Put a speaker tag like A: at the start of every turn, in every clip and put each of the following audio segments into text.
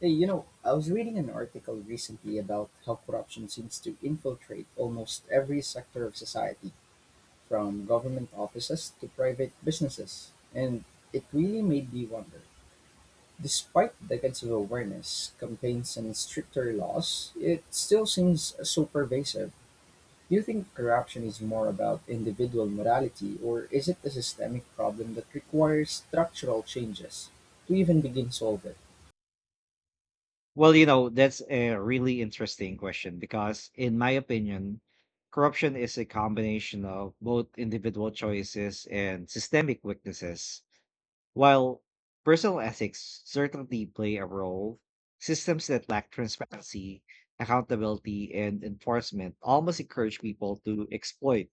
A: Hey, you know, I was reading an article recently about how corruption seems to infiltrate almost every sector of society, from government offices to private businesses. And it really made me wonder. Despite decades of awareness, campaigns, and stricter laws, it still seems so pervasive. Do you think corruption is more about individual morality, or is it a systemic problem that requires structural changes to even begin solve it?
B: Well, you know, that's a really interesting question because, in my opinion, corruption is a combination of both individual choices and systemic weaknesses. While personal ethics certainly play a role, systems that lack transparency, accountability, and enforcement almost encourage people to exploit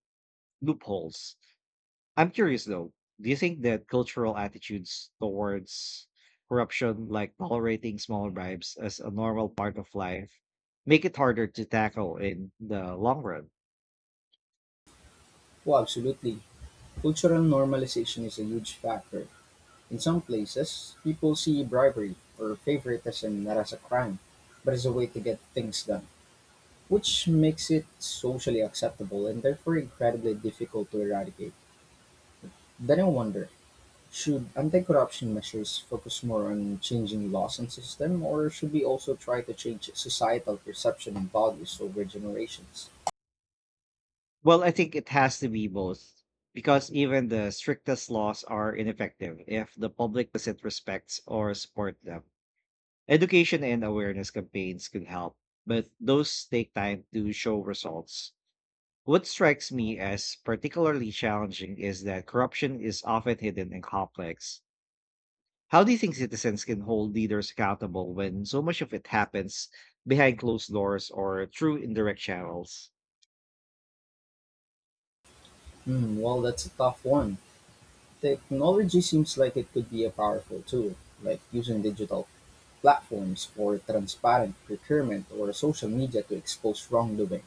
B: loopholes. I'm curious though, do you think that cultural attitudes towards corruption, like tolerating small bribes as a normal part of life, make it harder to tackle in the long run?
A: Well, absolutely. Cultural normalization is a huge factor. In some places, people see bribery or favoritism not as a crime, but as a way to get things done, which makes it socially acceptable and therefore incredibly difficult to eradicate. Then I wonder, should anti corruption measures focus more on changing laws and system, or should we also try to change societal perception and values over generations?
B: Well, I think it has to be both because even the strictest laws are ineffective if the public doesn't respect or support them. Education and awareness campaigns can help, but those take time to show results. What strikes me as particularly challenging is that corruption is often hidden and complex. How do you think citizens can hold leaders accountable when so much of it happens behind closed doors or through indirect channels?
A: Well, that's a tough one. Technology seems like it could be a powerful tool, like using digital platforms for transparent procurement or social media to expose wrongdoing.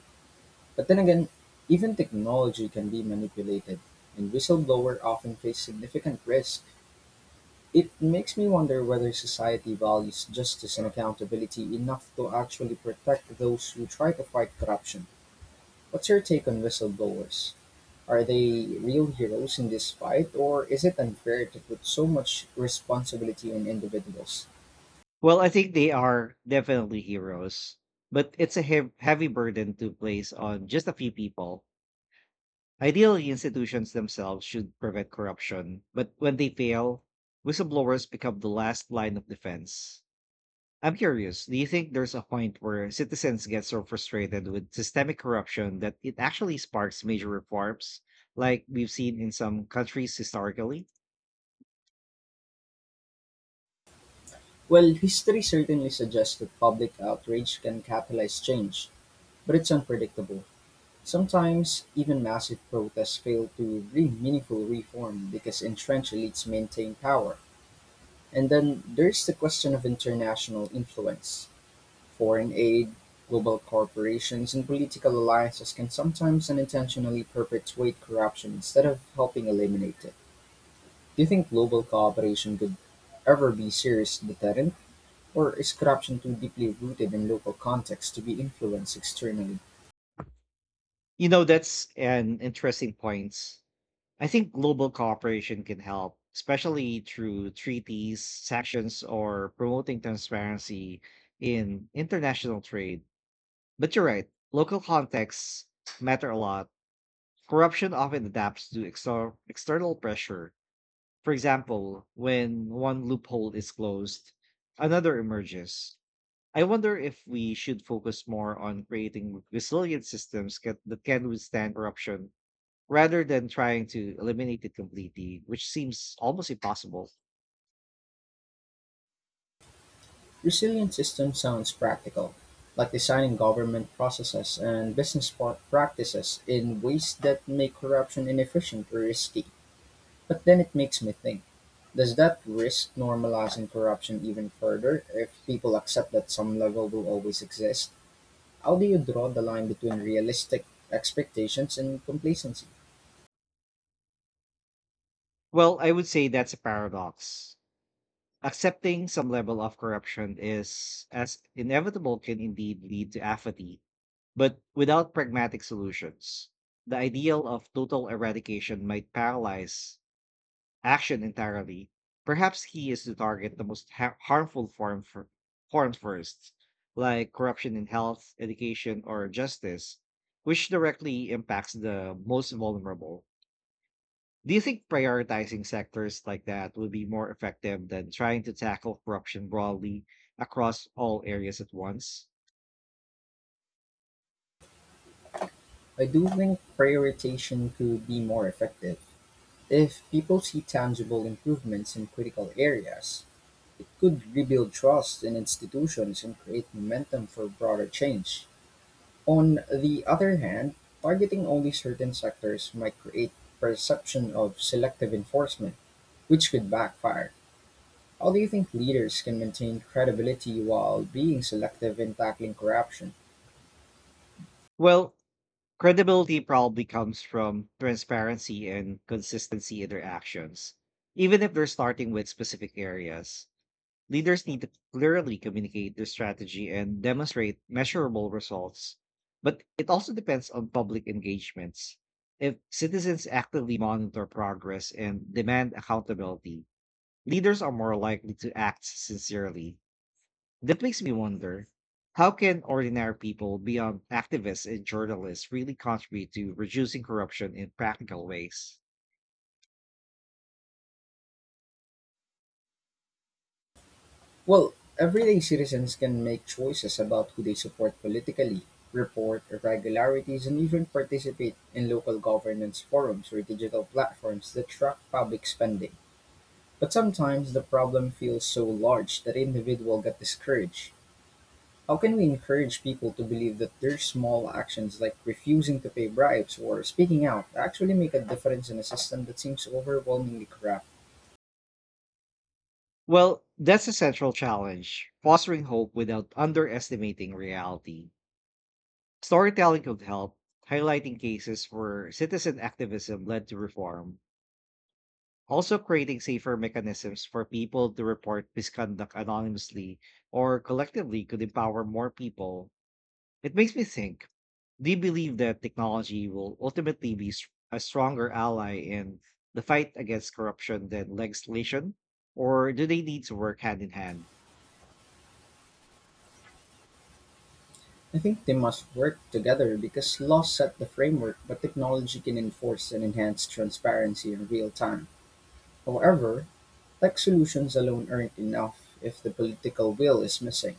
A: But then again, even technology can be manipulated, and whistleblowers often face significant risk. It makes me wonder whether society values justice and accountability enough to actually protect those who try to fight corruption. What's your take on whistleblowers? Are they real heroes in this fight, or is it unfair to put so much responsibility on individuals?
B: Well, I think they are definitely heroes, but it's a heavy burden to place on just a few people. Ideally, institutions themselves should prevent corruption, but when they fail, whistleblowers become the last line of defense. I'm curious, do you think there's a point where citizens get so frustrated with systemic corruption that it actually sparks major reforms, like we've seen in some countries historically?
A: Well, history certainly suggests that public outrage can catalyze change, but it's unpredictable. Sometimes, even massive protests fail to bring meaningful reform because entrenched elites maintain power. And then there's the question of international influence. Foreign aid, global corporations, and political alliances can sometimes unintentionally perpetuate corruption instead of helping eliminate it. Do you think global cooperation could ever be a serious deterrent, or is corruption too deeply rooted in local contexts to be influenced externally?
B: You know, that's an interesting point. I think global cooperation can help, especially through treaties, sanctions, or promoting transparency in international trade. But you're right, local contexts matter a lot. Corruption often adapts to external pressure. For example, when one loophole is closed, another emerges. I wonder if we should focus more on creating resilient that can withstand corruption rather than trying to eliminate it completely, which seems almost impossible.
A: Resilient system sounds practical, like designing government processes and business practices in ways that make corruption inefficient or risky. But then it makes me think, does that risk normalizing corruption even further if people accept that some level will always exist? How do you draw the line between realistic expectations and complacency?
B: Well, I would say that's a paradox. Accepting some level of corruption is as inevitable can indeed lead to apathy, but without pragmatic solutions. The ideal of total eradication might paralyze action entirely. Perhaps he is to target the most forms first, like corruption in health, education, or justice, which directly impacts the most vulnerable. Do you think prioritizing sectors like that would be more effective than trying to tackle corruption broadly across all areas at once?
A: I do think prioritization could be more effective. If people see tangible improvements in critical areas, it could rebuild trust in institutions and create momentum for broader change. On the other hand, targeting only certain sectors might create perception of selective enforcement, which could backfire. How do you think leaders can maintain credibility while being selective in tackling corruption?
B: Well, credibility probably comes from transparency and consistency in their actions, even if they're starting with specific areas. Leaders need to clearly communicate their strategy and demonstrate measurable results, but it also depends on public engagements. If citizens actively monitor progress and demand accountability, leaders are more likely to act sincerely. That makes me wonder, how can ordinary people beyond activists and journalists really contribute to reducing corruption in practical ways?
A: Well, everyday citizens can make choices about who they support politically, report irregularities, and even participate in local governance forums or digital platforms that track public spending. But sometimes the problem feels so large that individuals get discouraged. How can we encourage people to believe that their small actions, like refusing to pay bribes or speaking out, actually make a difference in a system that seems overwhelmingly corrupt?
B: Well, that's a central challenge fostering hope without underestimating reality. Storytelling could help, highlighting cases where citizen activism led to reform. Also, creating safer mechanisms for people to report misconduct anonymously or collectively could empower more people. It makes me think, do you believe that technology will ultimately a stronger ally in the fight against corruption than legislation? Or do they need to work hand in hand?
A: I think they must work together because laws set the framework, but technology can enforce and enhance transparency in real time. However, tech solutions alone aren't enough if the political will is missing.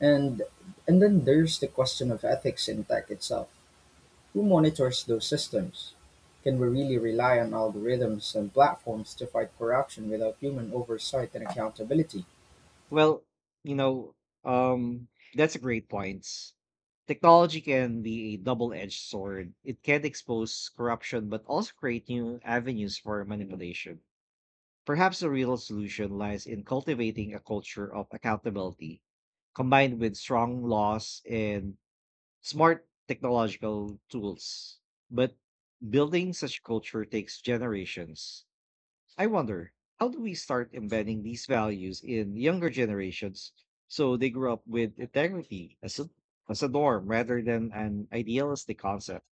A: And and then there's the question of ethics in tech itself. Who monitors those systems? Can we really rely on algorithms and platforms to fight corruption without human oversight and accountability?
B: Well, you know, um, that's a great point. Technology can be a double edged sword. It can expose corruption, but also create new avenues for manipulation. Perhaps the real solution lies in cultivating a culture of accountability combined with strong laws and smart technological tools. But building such culture takes generations. I wonder, how do we start embedding these values in younger generations so they grow up with integrity as a norm rather than an idealistic concept?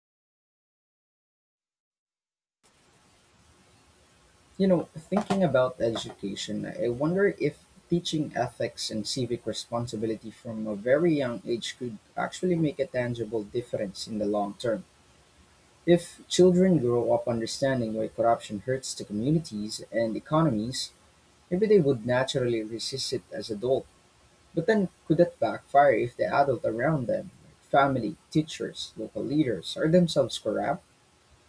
A: You know, thinking about education, I wonder if teaching ethics and civic responsibility from a very young age could actually make a tangible difference in the long term. If children grow up understanding why corruption hurts to communities and economies, maybe they would naturally resist it as adults. But then could that backfire if the adults around them, like family, teachers, local leaders, are themselves corrupt?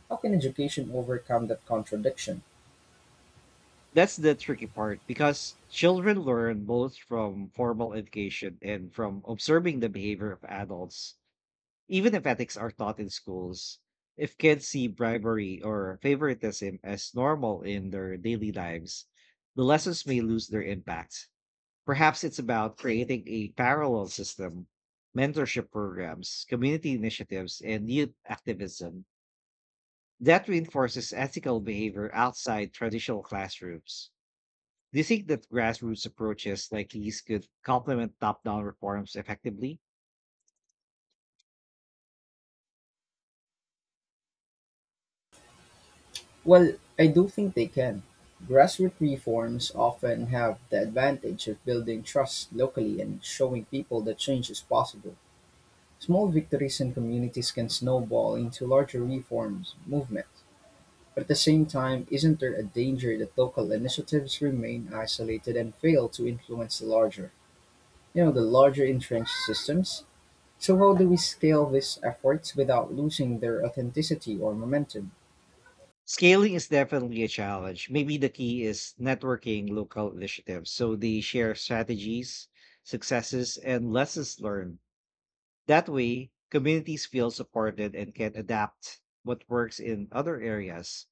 A: How can education overcome that contradiction?
B: That's the tricky part because children learn both from formal education and from observing the behavior of adults. Even if ethics are taught in schools, if kids see bribery or favoritism as normal in their daily lives, the lessons may lose their impact. Perhaps it's about creating a parallel system, mentorship programs, community initiatives, and youth activism that reinforces ethical behavior outside traditional classrooms. Do you think that grassroots approaches like these could complement top down reforms effectively?
A: Well, I do think they can. Grassroots reforms often have the advantage of building trust locally and showing people that change is possible. Small victories in communities can snowball into larger reforms movements. But at the same time, isn't there a danger that local initiatives remain isolated and fail to influence the larger? You know, the larger entrenched systems. So how do we scale these efforts without losing their authenticity or momentum?
B: Scaling is definitely a challenge. Maybe the key is networking local initiatives so they share strategies, successes, and lessons learned. That way, communities feel supported and can adapt what works in other areas.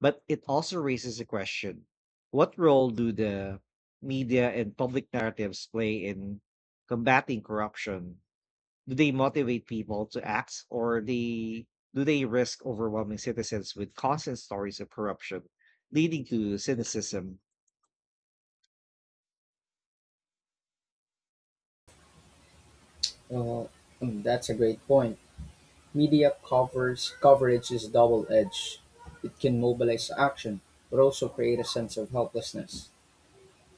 B: But it also raises a question, what role do the media and public narratives play in combating corruption? Do they motivate people to act, or they do they risk overwhelming citizens with constant stories of corruption leading to cynicism?
A: Uh, mm, that's a great point. Media covers coverage is double-edged. It can mobilize action, but also create a sense of helplessness.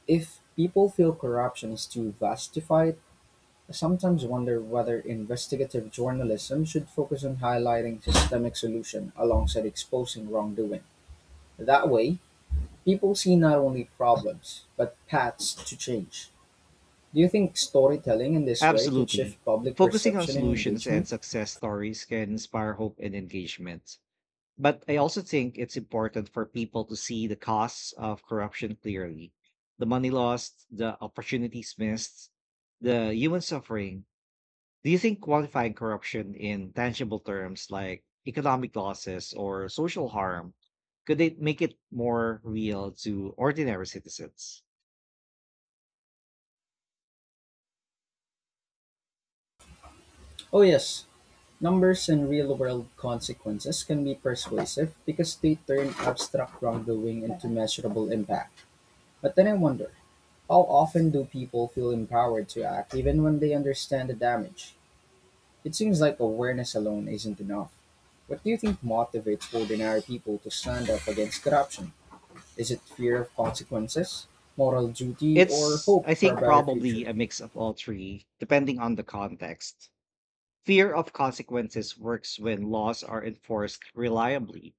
A: If people feel corruption is too vastified, I sometimes wonder whether investigative journalism should focus on highlighting systemic solution alongside exposing wrongdoing. That way, people see not only problems, but paths to change. Do you think storytelling in this way could
B: Absolutely,
A: shift public
B: focusing on
A: perception and
B: solutions and
A: engagement?
B: success stories can inspire hope and engagement, but I also think it's important for people to see the costs of corruption clearly, the money lost, the opportunities missed, the human suffering. Do you think qualifying corruption in tangible terms like economic losses or social harm could it make it more real to ordinary citizens?
A: Oh, yes. Numbers and real world consequences can be persuasive because they turn abstract wrongdoing into measurable impact. But then I wonder, how often do people feel empowered to act even when they understand the damage? It seems like awareness alone isn't enough. What do you think motivates ordinary people to stand up against corruption? Is it fear of consequences, moral duty, or
B: It's,
A: hope
B: I
A: for a
B: think,
A: better
B: probably
A: future?
B: a mix of all three, depending on the context. Fear of consequences works when laws are enforced reliably.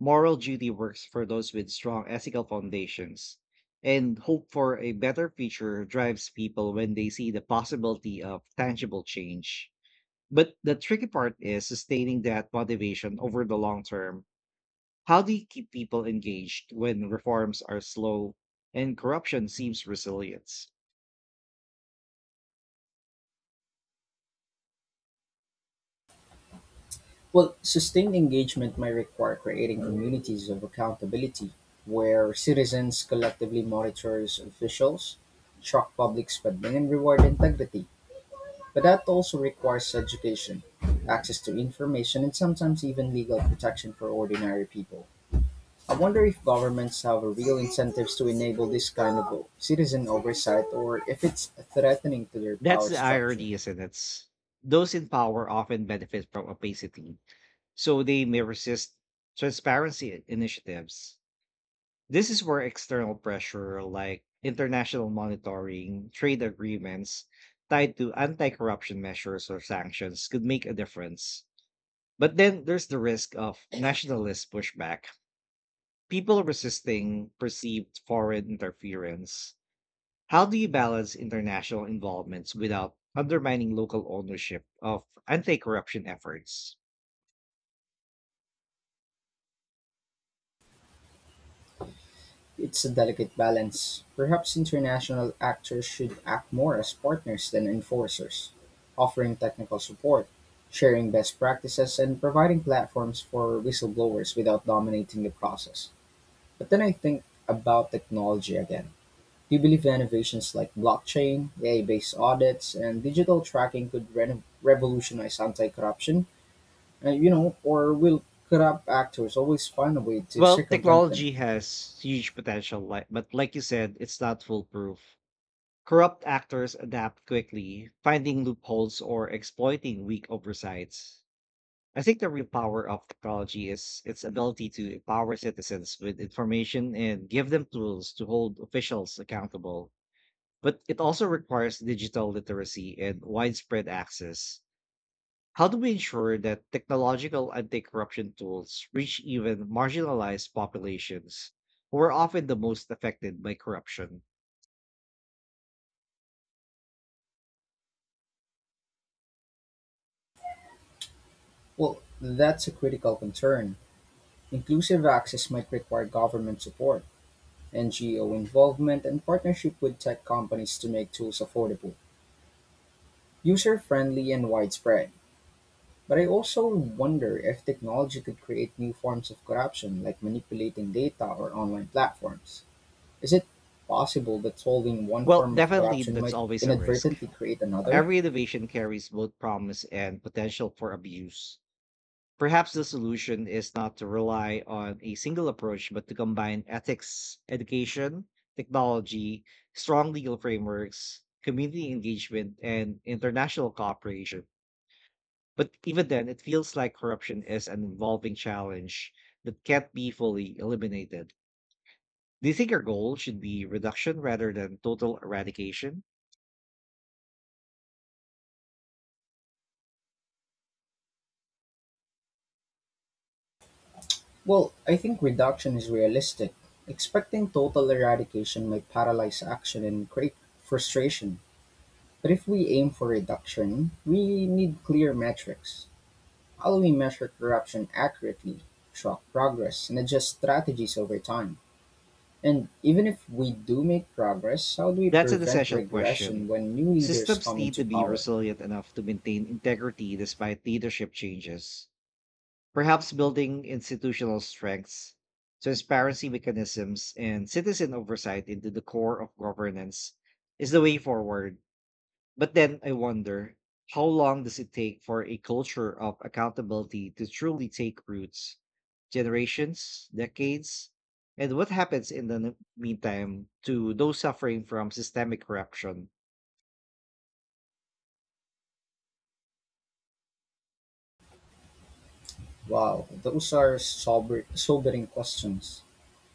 B: Moral duty works for those with strong ethical foundations. And hope for a better future drives people when they see the possibility of tangible change. But the tricky part is sustaining that motivation over the long term. How do you keep people engaged when reforms are slow and corruption seems resilient?
A: Well, sustained engagement might require creating communities of accountability where citizens collectively monitors officials, track public spending, and reward integrity. But that also requires education, access to information, and sometimes even legal protection for ordinary people. I wonder if governments have a real incentives to enable this kind of citizen oversight or if it's threatening to their
B: That's
A: power
B: the
A: structure.
B: irony, isn't it? Those in power often benefit from opacity, so they may resist transparency initiatives. This is where external pressure, like international monitoring, trade agreements tied to anti corruption measures or sanctions, could make a difference. But then there's the risk of nationalist pushback, people resisting perceived foreign interference. How do you balance international involvements without undermining local ownership of anti corruption efforts?
A: It's a delicate balance. Perhaps international actors should act more as partners than enforcers, offering technical support, sharing best practices, and providing platforms for whistleblowers without dominating the process. But then I think about technology again. Do you believe innovations like blockchain, AI based audits, and digital tracking could revolutionize anti corruption? You know, or will corrupt actors always find a way to
B: Well,
A: circumvent them?
B: technology has huge potential, but like you said, it's not foolproof. Corrupt actors adapt quickly, finding loopholes or exploiting weak oversights. I think the real power of technology is its ability to empower citizens with information and give them tools to hold officials accountable. But it also requires digital literacy and widespread access. How do we ensure that technological anti corruption tools reach even marginalized populations who are often the most affected by corruption?
A: Well, that's a critical concern. Inclusive access might require government support, NGO involvement, and partnership with tech companies to make tools affordable, user-friendly, and widespread. But I also wonder if technology could create new forms of corruption, like manipulating data or online platforms. Is it possible that solving one
B: Well,
A: form of
B: definitely,
A: corruption
B: that's
A: might
B: always a risk.
A: inadvertently create another?
B: Every innovation carries both promise and potential for abuse. Perhaps the solution is not to rely on a single approach, but to combine ethics, education, technology, strong legal frameworks, community engagement, and international cooperation. But even then, it feels like corruption is an evolving challenge that can't be fully eliminated. Do you think our goal should be reduction rather than total eradication?
A: Well, I think reduction is realistic. Expecting total eradication might paralyze action and create frustration. But if we aim for reduction, we need clear metrics. How do we measure corruption accurately, track progress, and adjust strategies over time? And even if we do make progress, how do we
B: That's an
A: prevent
B: essential
A: regression
B: question.
A: when new leaders
B: Systems
A: come
B: need
A: into
B: to be
A: power?
B: resilient enough to maintain integrity despite leadership changes. Perhaps building institutional strengths, transparency mechanisms, and citizen oversight into the core of governance is the way forward. But then I wonder, how long does it take for a culture of accountability to truly take roots? Generations, decades? And what happens in the meantime to those suffering from systemic corruption?
A: Wow, those are sobering questions.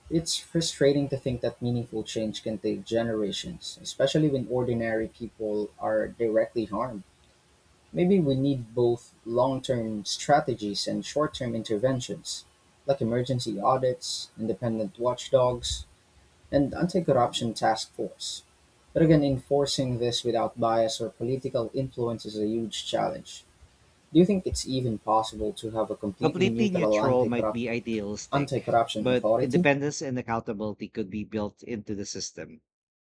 A: It's frustrating to think that meaningful change can take generations, especially when ordinary people are directly harmed. Maybe we need both long-term strategies and short-term interventions, like emergency audits, independent watchdogs, and anti-corruption task force. But again, enforcing this without bias or political influence is a huge challenge. Do you think it's even possible to have a completely
B: Completely
A: neutral
B: neutral might be idealistic,
A: anti-corruption
B: but
A: authority?
B: independence and accountability could be built into the system.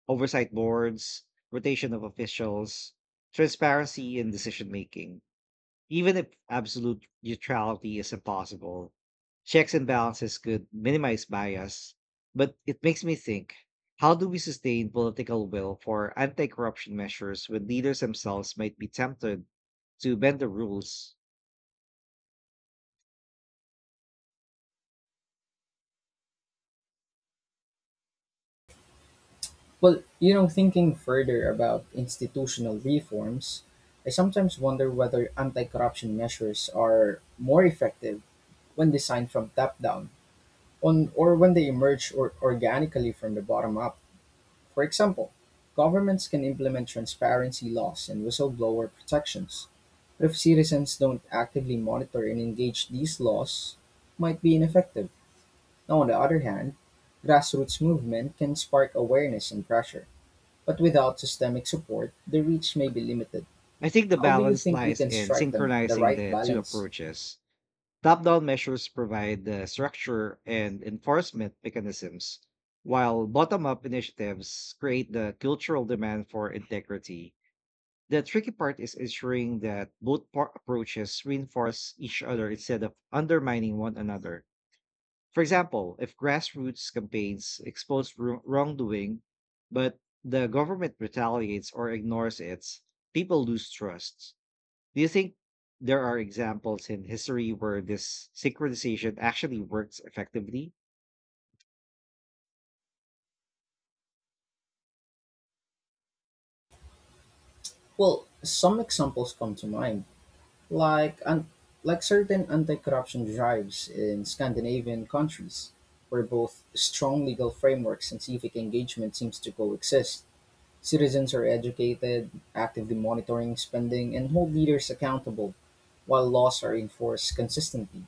B: Oversight boards, rotation of officials, transparency in decision making. Even if absolute neutrality is impossible, checks and balances could minimize bias. But it makes me think, how do we sustain political will for anti corruption measures when leaders themselves might be tempted to bend the rules?
A: Well, you know, thinking further about institutional reforms, I sometimes wonder whether anti corruption measures are more effective when designed from top down on, or when they emerge or organically from the bottom up. For example, governments can implement transparency laws and whistleblower protections, but if citizens don't actively monitor and engage these laws, might be ineffective. Now, on the other hand, grassroots movement can spark awareness and pressure but without systemic support, the reach may be limited.
B: I think the
A: How do you
B: balance
A: think we
B: lies
A: can
B: in
A: strike the
B: synchronizing
A: right
B: the two
A: balance?
B: approaches. Top down measures provide the structure and enforcement mechanisms, while bottom up initiatives create the cultural demand for integrity. The tricky part is ensuring that approaches reinforce each other instead of undermining one another. For example, if grassroots campaigns expose wrongdoing, but the government retaliates or ignores it, people lose trust. Do you think there are examples in history where this synchronization actually works effectively?
A: Well, some examples come to mind, like un- like certain anti-corruption drives in Scandinavian countries, where both strong legal frameworks and civic engagement seems to coexist. Citizens are educated, actively monitoring spending, and hold leaders accountable, while laws are enforced consistently.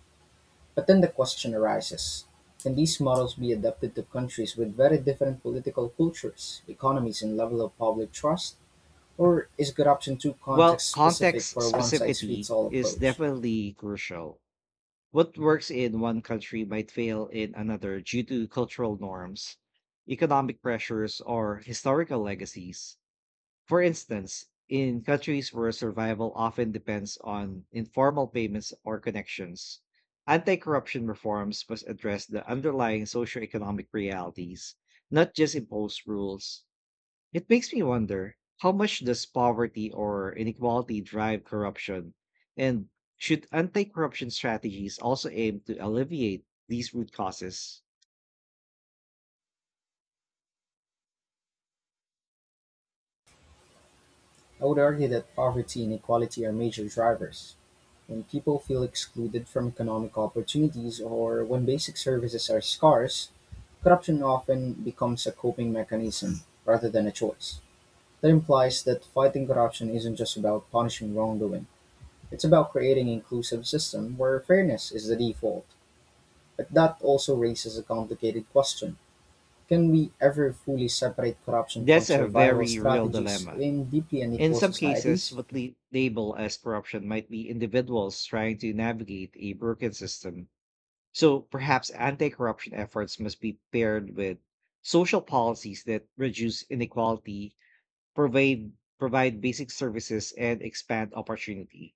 A: But then the question arises, can these models be adapted to countries with very different political cultures, economies, and level of public trust? Or is a good option too
B: Well,
A: context specific
B: context
A: for a one size
B: specificity
A: fits all
B: is
A: approach?
B: definitely crucial. What works in one country might fail in another due to cultural norms, economic pressures, or historical legacies. For instance, in countries where survival often depends on informal payments or connections, anti corruption reforms must address the underlying socioeconomic realities, not just impose rules. It makes me wonder, how much does poverty or inequality drive corruption? And should anti corruption strategies also aim to alleviate these root causes?
A: I would argue that poverty and inequality are major drivers. When people feel excluded from economic opportunities or when basic services are scarce, corruption often becomes a coping mechanism rather than a choice. That implies that fighting corruption isn't just about punishing wrongdoing. It's about creating an inclusive system where fairness is the default, but that also raises a complicated question. Can we ever fully separate corruption from
B: That's a
A: survival
B: very real
A: strategies
B: dilemma.
A: in deeply
B: In
A: unequal
B: some cases,
A: societies?
B: what we label as corruption might be individuals trying to navigate a broken system. So perhaps anti corruption efforts must be paired with social policies that reduce inequality, provide basic services, and expand opportunity.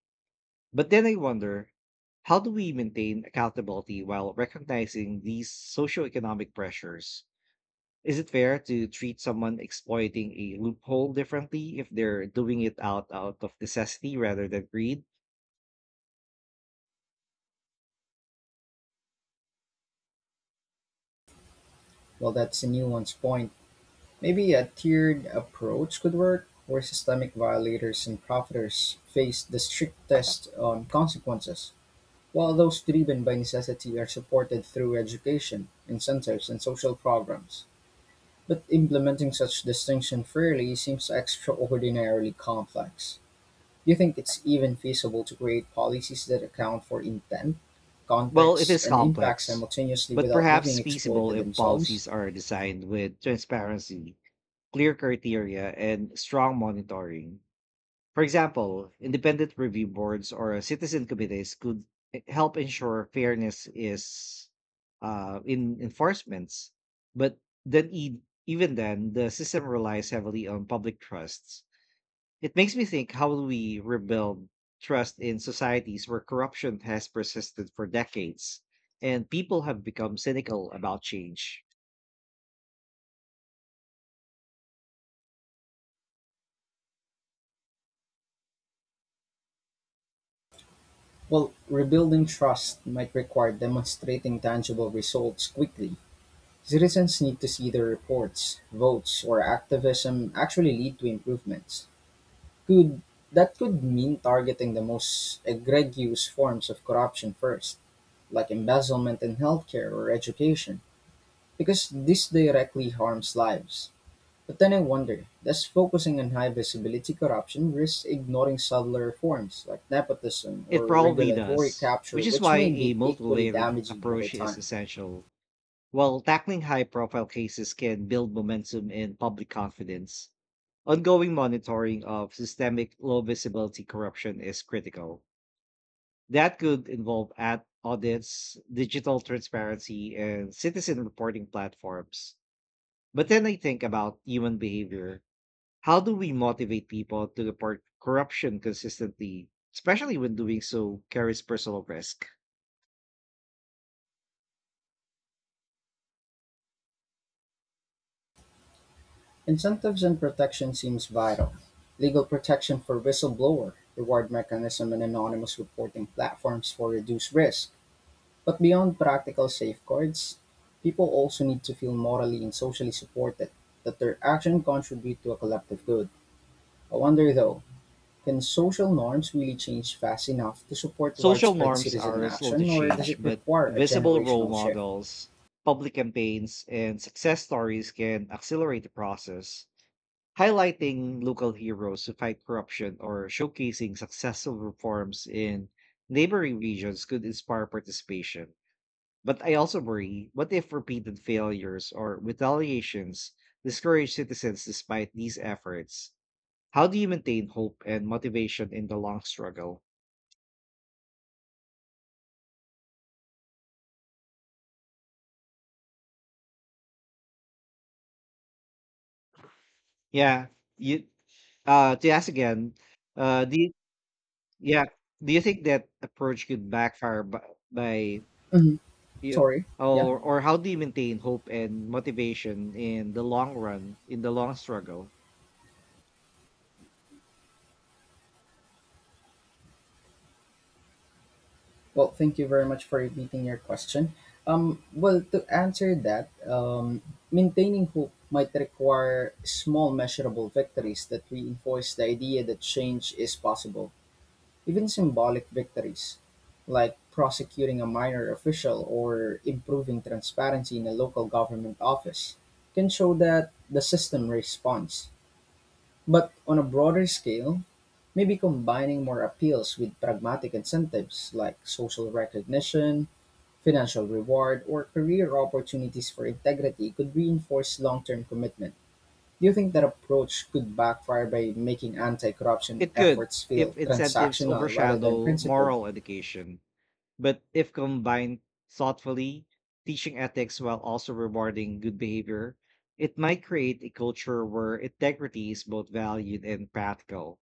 B: But then I wonder, how do we maintain accountability while recognizing these socioeconomic pressures? Is it fair to treat someone exploiting a loophole differently if they're doing it out of necessity rather than greed?
A: Well, that's a nuanced point. Maybe a tiered approach could work, where systemic violators and profiteers face the strictest consequences, while those driven by necessity are supported through education, incentives, and social programs. But implementing such distinction fairly seems extraordinarily complex. Do you think it's even feasible to create policies that account for intent,
B: Well, it
A: context,
B: is
A: and impact
B: complex,
A: simultaneously
B: but
A: without
B: perhaps
A: leaving
B: feasible
A: exploited
B: if
A: themselves?
B: policies are designed with transparency, clear criteria, and strong monitoring. For example, independent review boards or citizen committees could help ensure fairness is in enforcements. But then, e- even then, the system relies heavily on public trusts. It makes me think, how will we rebuild trust in societies where corruption has persisted for decades and people have become cynical about change?
A: Well, rebuilding trust might require demonstrating tangible results quickly. Citizens need to see their reports, votes, or activism actually lead to improvements. Could that could mean targeting the most egregious forms of corruption first, like embezzlement in healthcare or education, because this directly harms lives. But then I wonder, does focusing on high visibility corruption risk ignoring subtler forms like nepotism or
B: It probably
A: regulatory
B: does,
A: capture,
B: which is
A: which
B: why
A: may
B: a
A: be
B: multi
A: equally
B: layered
A: damaging over
B: approach is
A: time?
B: essential. While tackling high profile cases can build momentum and public confidence, ongoing monitoring of systemic low visibility corruption is critical. That could involve ad audits, digital transparency, and citizen reporting platforms. But then I think about human behavior. How do we motivate people to report corruption consistently, especially when doing so carries personal risk?
A: Incentives and protection seems vital. Legal protection for whistleblower, reward mechanism, and anonymous reporting platforms for reduced risk. But beyond practical safeguards, people also need to feel morally and socially supported that their action contribute to a collective good. I wonder though, can social norms really change fast enough to support
B: Social
A: widespread
B: norms
A: citizen
B: are slow to
A: action, or does
B: change,
A: it
B: but
A: require a
B: visible role
A: generational shift?
B: models, public campaigns, and success stories can accelerate the process, highlighting local heroes who fight corruption or showcasing successful reforms in neighboring regions could inspire participation. But I also worry, what if repeated failures or retaliations discourage citizens despite these efforts? How do you maintain hope and motivation in the long struggle? Yeah, you To ask again, uh, do you, yeah, do you think that approach could backfire by, by
A: Mhm.
B: you
A: Sorry. Yeah.
B: or how do you maintain hope and motivation in the long run in the long struggle?
A: Well, thank you very much for repeating your question. Well, to answer that, maintaining hope might require small, measurable victories that reinforce the idea that change is possible. Even symbolic victories, like prosecuting a minor official or improving transparency in a local government office, can show that the system responds. But on a broader scale, maybe combining more appeals with pragmatic incentives like social recognition, financial reward, or career opportunities for integrity could reinforce long term commitment. Do you think that approach could backfire by making anti-corruption
B: It could
A: efforts feel
B: if incentives
A: transactional rather than
B: overshadow
A: principled?
B: moral education, but if combined thoughtfully, teaching ethics while also rewarding good behavior, it might create a culture where integrity is both valued and practical.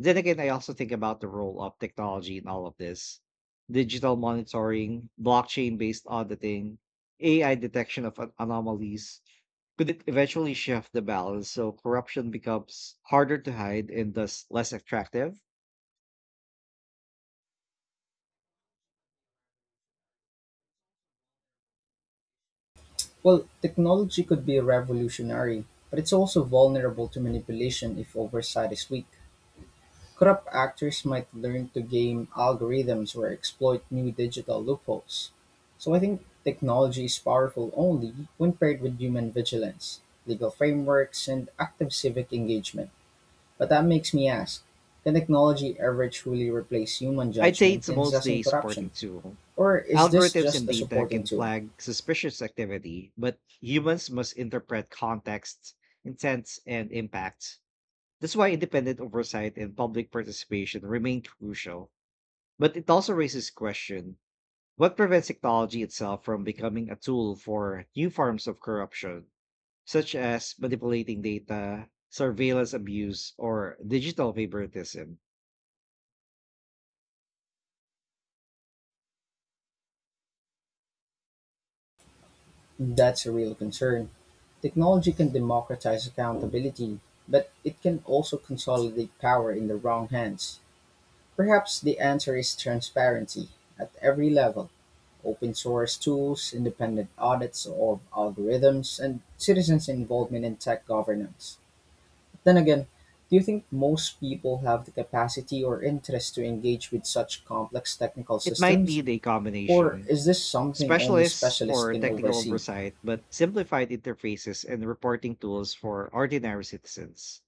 B: Then again, I also think about the role of technology in all of this. Digital monitoring, blockchain based auditing, AI detection of anomalies, could it eventually shift the balance so corruption becomes harder to hide and thus less attractive?
A: Well, technology could be revolutionary, but it's also vulnerable to manipulation if oversight is weak. Corrupt actors might learn to game algorithms or exploit new digital loopholes. So I think technology is powerful only when paired with human vigilance, legal frameworks, and active civic engagement. But that makes me ask, can technology ever truly replace human
B: I'd say
A: judgment
B: it's
A: in
B: mostly
A: assessing
B: a supporting
A: corruption?
B: tool.
A: Or is this
B: Algorithms and
A: just a
B: data
A: supporting
B: can
A: tool?
B: flag suspicious activity, but humans must interpret context, intent, and impact. That's why independent oversight and public participation remain crucial. But it also raises question, what prevents technology itself from becoming a tool for new forms of corruption, such as manipulating data, surveillance abuse, or digital favoritism?
A: That's a real concern. Technology can democratize accountability, but it can also consolidate power in the wrong hands. Perhaps the answer is transparency at every level, open source tools, independent audits of algorithms, and citizens' involvement in tech governance. Then again, do you think most people have the capacity or interest to engage with such complex technical
B: It might
A: systems?
B: need a
A: Or
B: combination.
A: is this something only
B: Specialists
A: specialists
B: for
A: can
B: technical
A: oversee?
B: oversight, but simplified interfaces and reporting tools for ordinary citizens.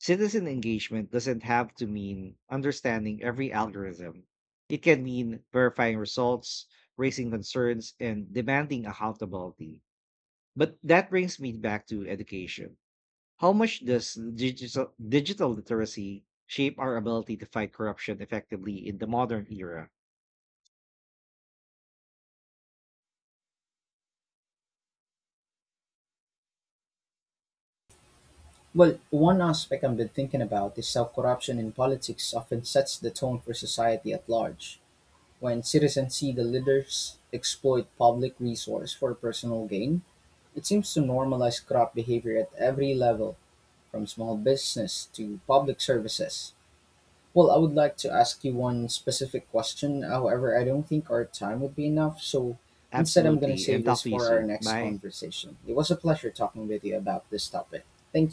B: Citizen engagement doesn't have to mean understanding every algorithm. It can mean verifying results, raising concerns, and demanding accountability. But that brings me back to education. How much does digital literacy shape our ability to fight corruption effectively in the modern era?
A: Well, one aspect I've been thinking about is how corruption in politics often sets the tone for society at large. When citizens see the leaders exploit public resource for personal gain, it seems to normalize corrupt behavior at every level, from small business to public services. Well, I would like to ask you one specific question. However, I don't think our time would be enough. So instead, I'm going to
B: Absolutely. And
A: save
B: talk
A: this
B: to you
A: for our
B: soon.
A: next
B: Bye.
A: conversation. It was a pleasure talking with you about this topic. Thank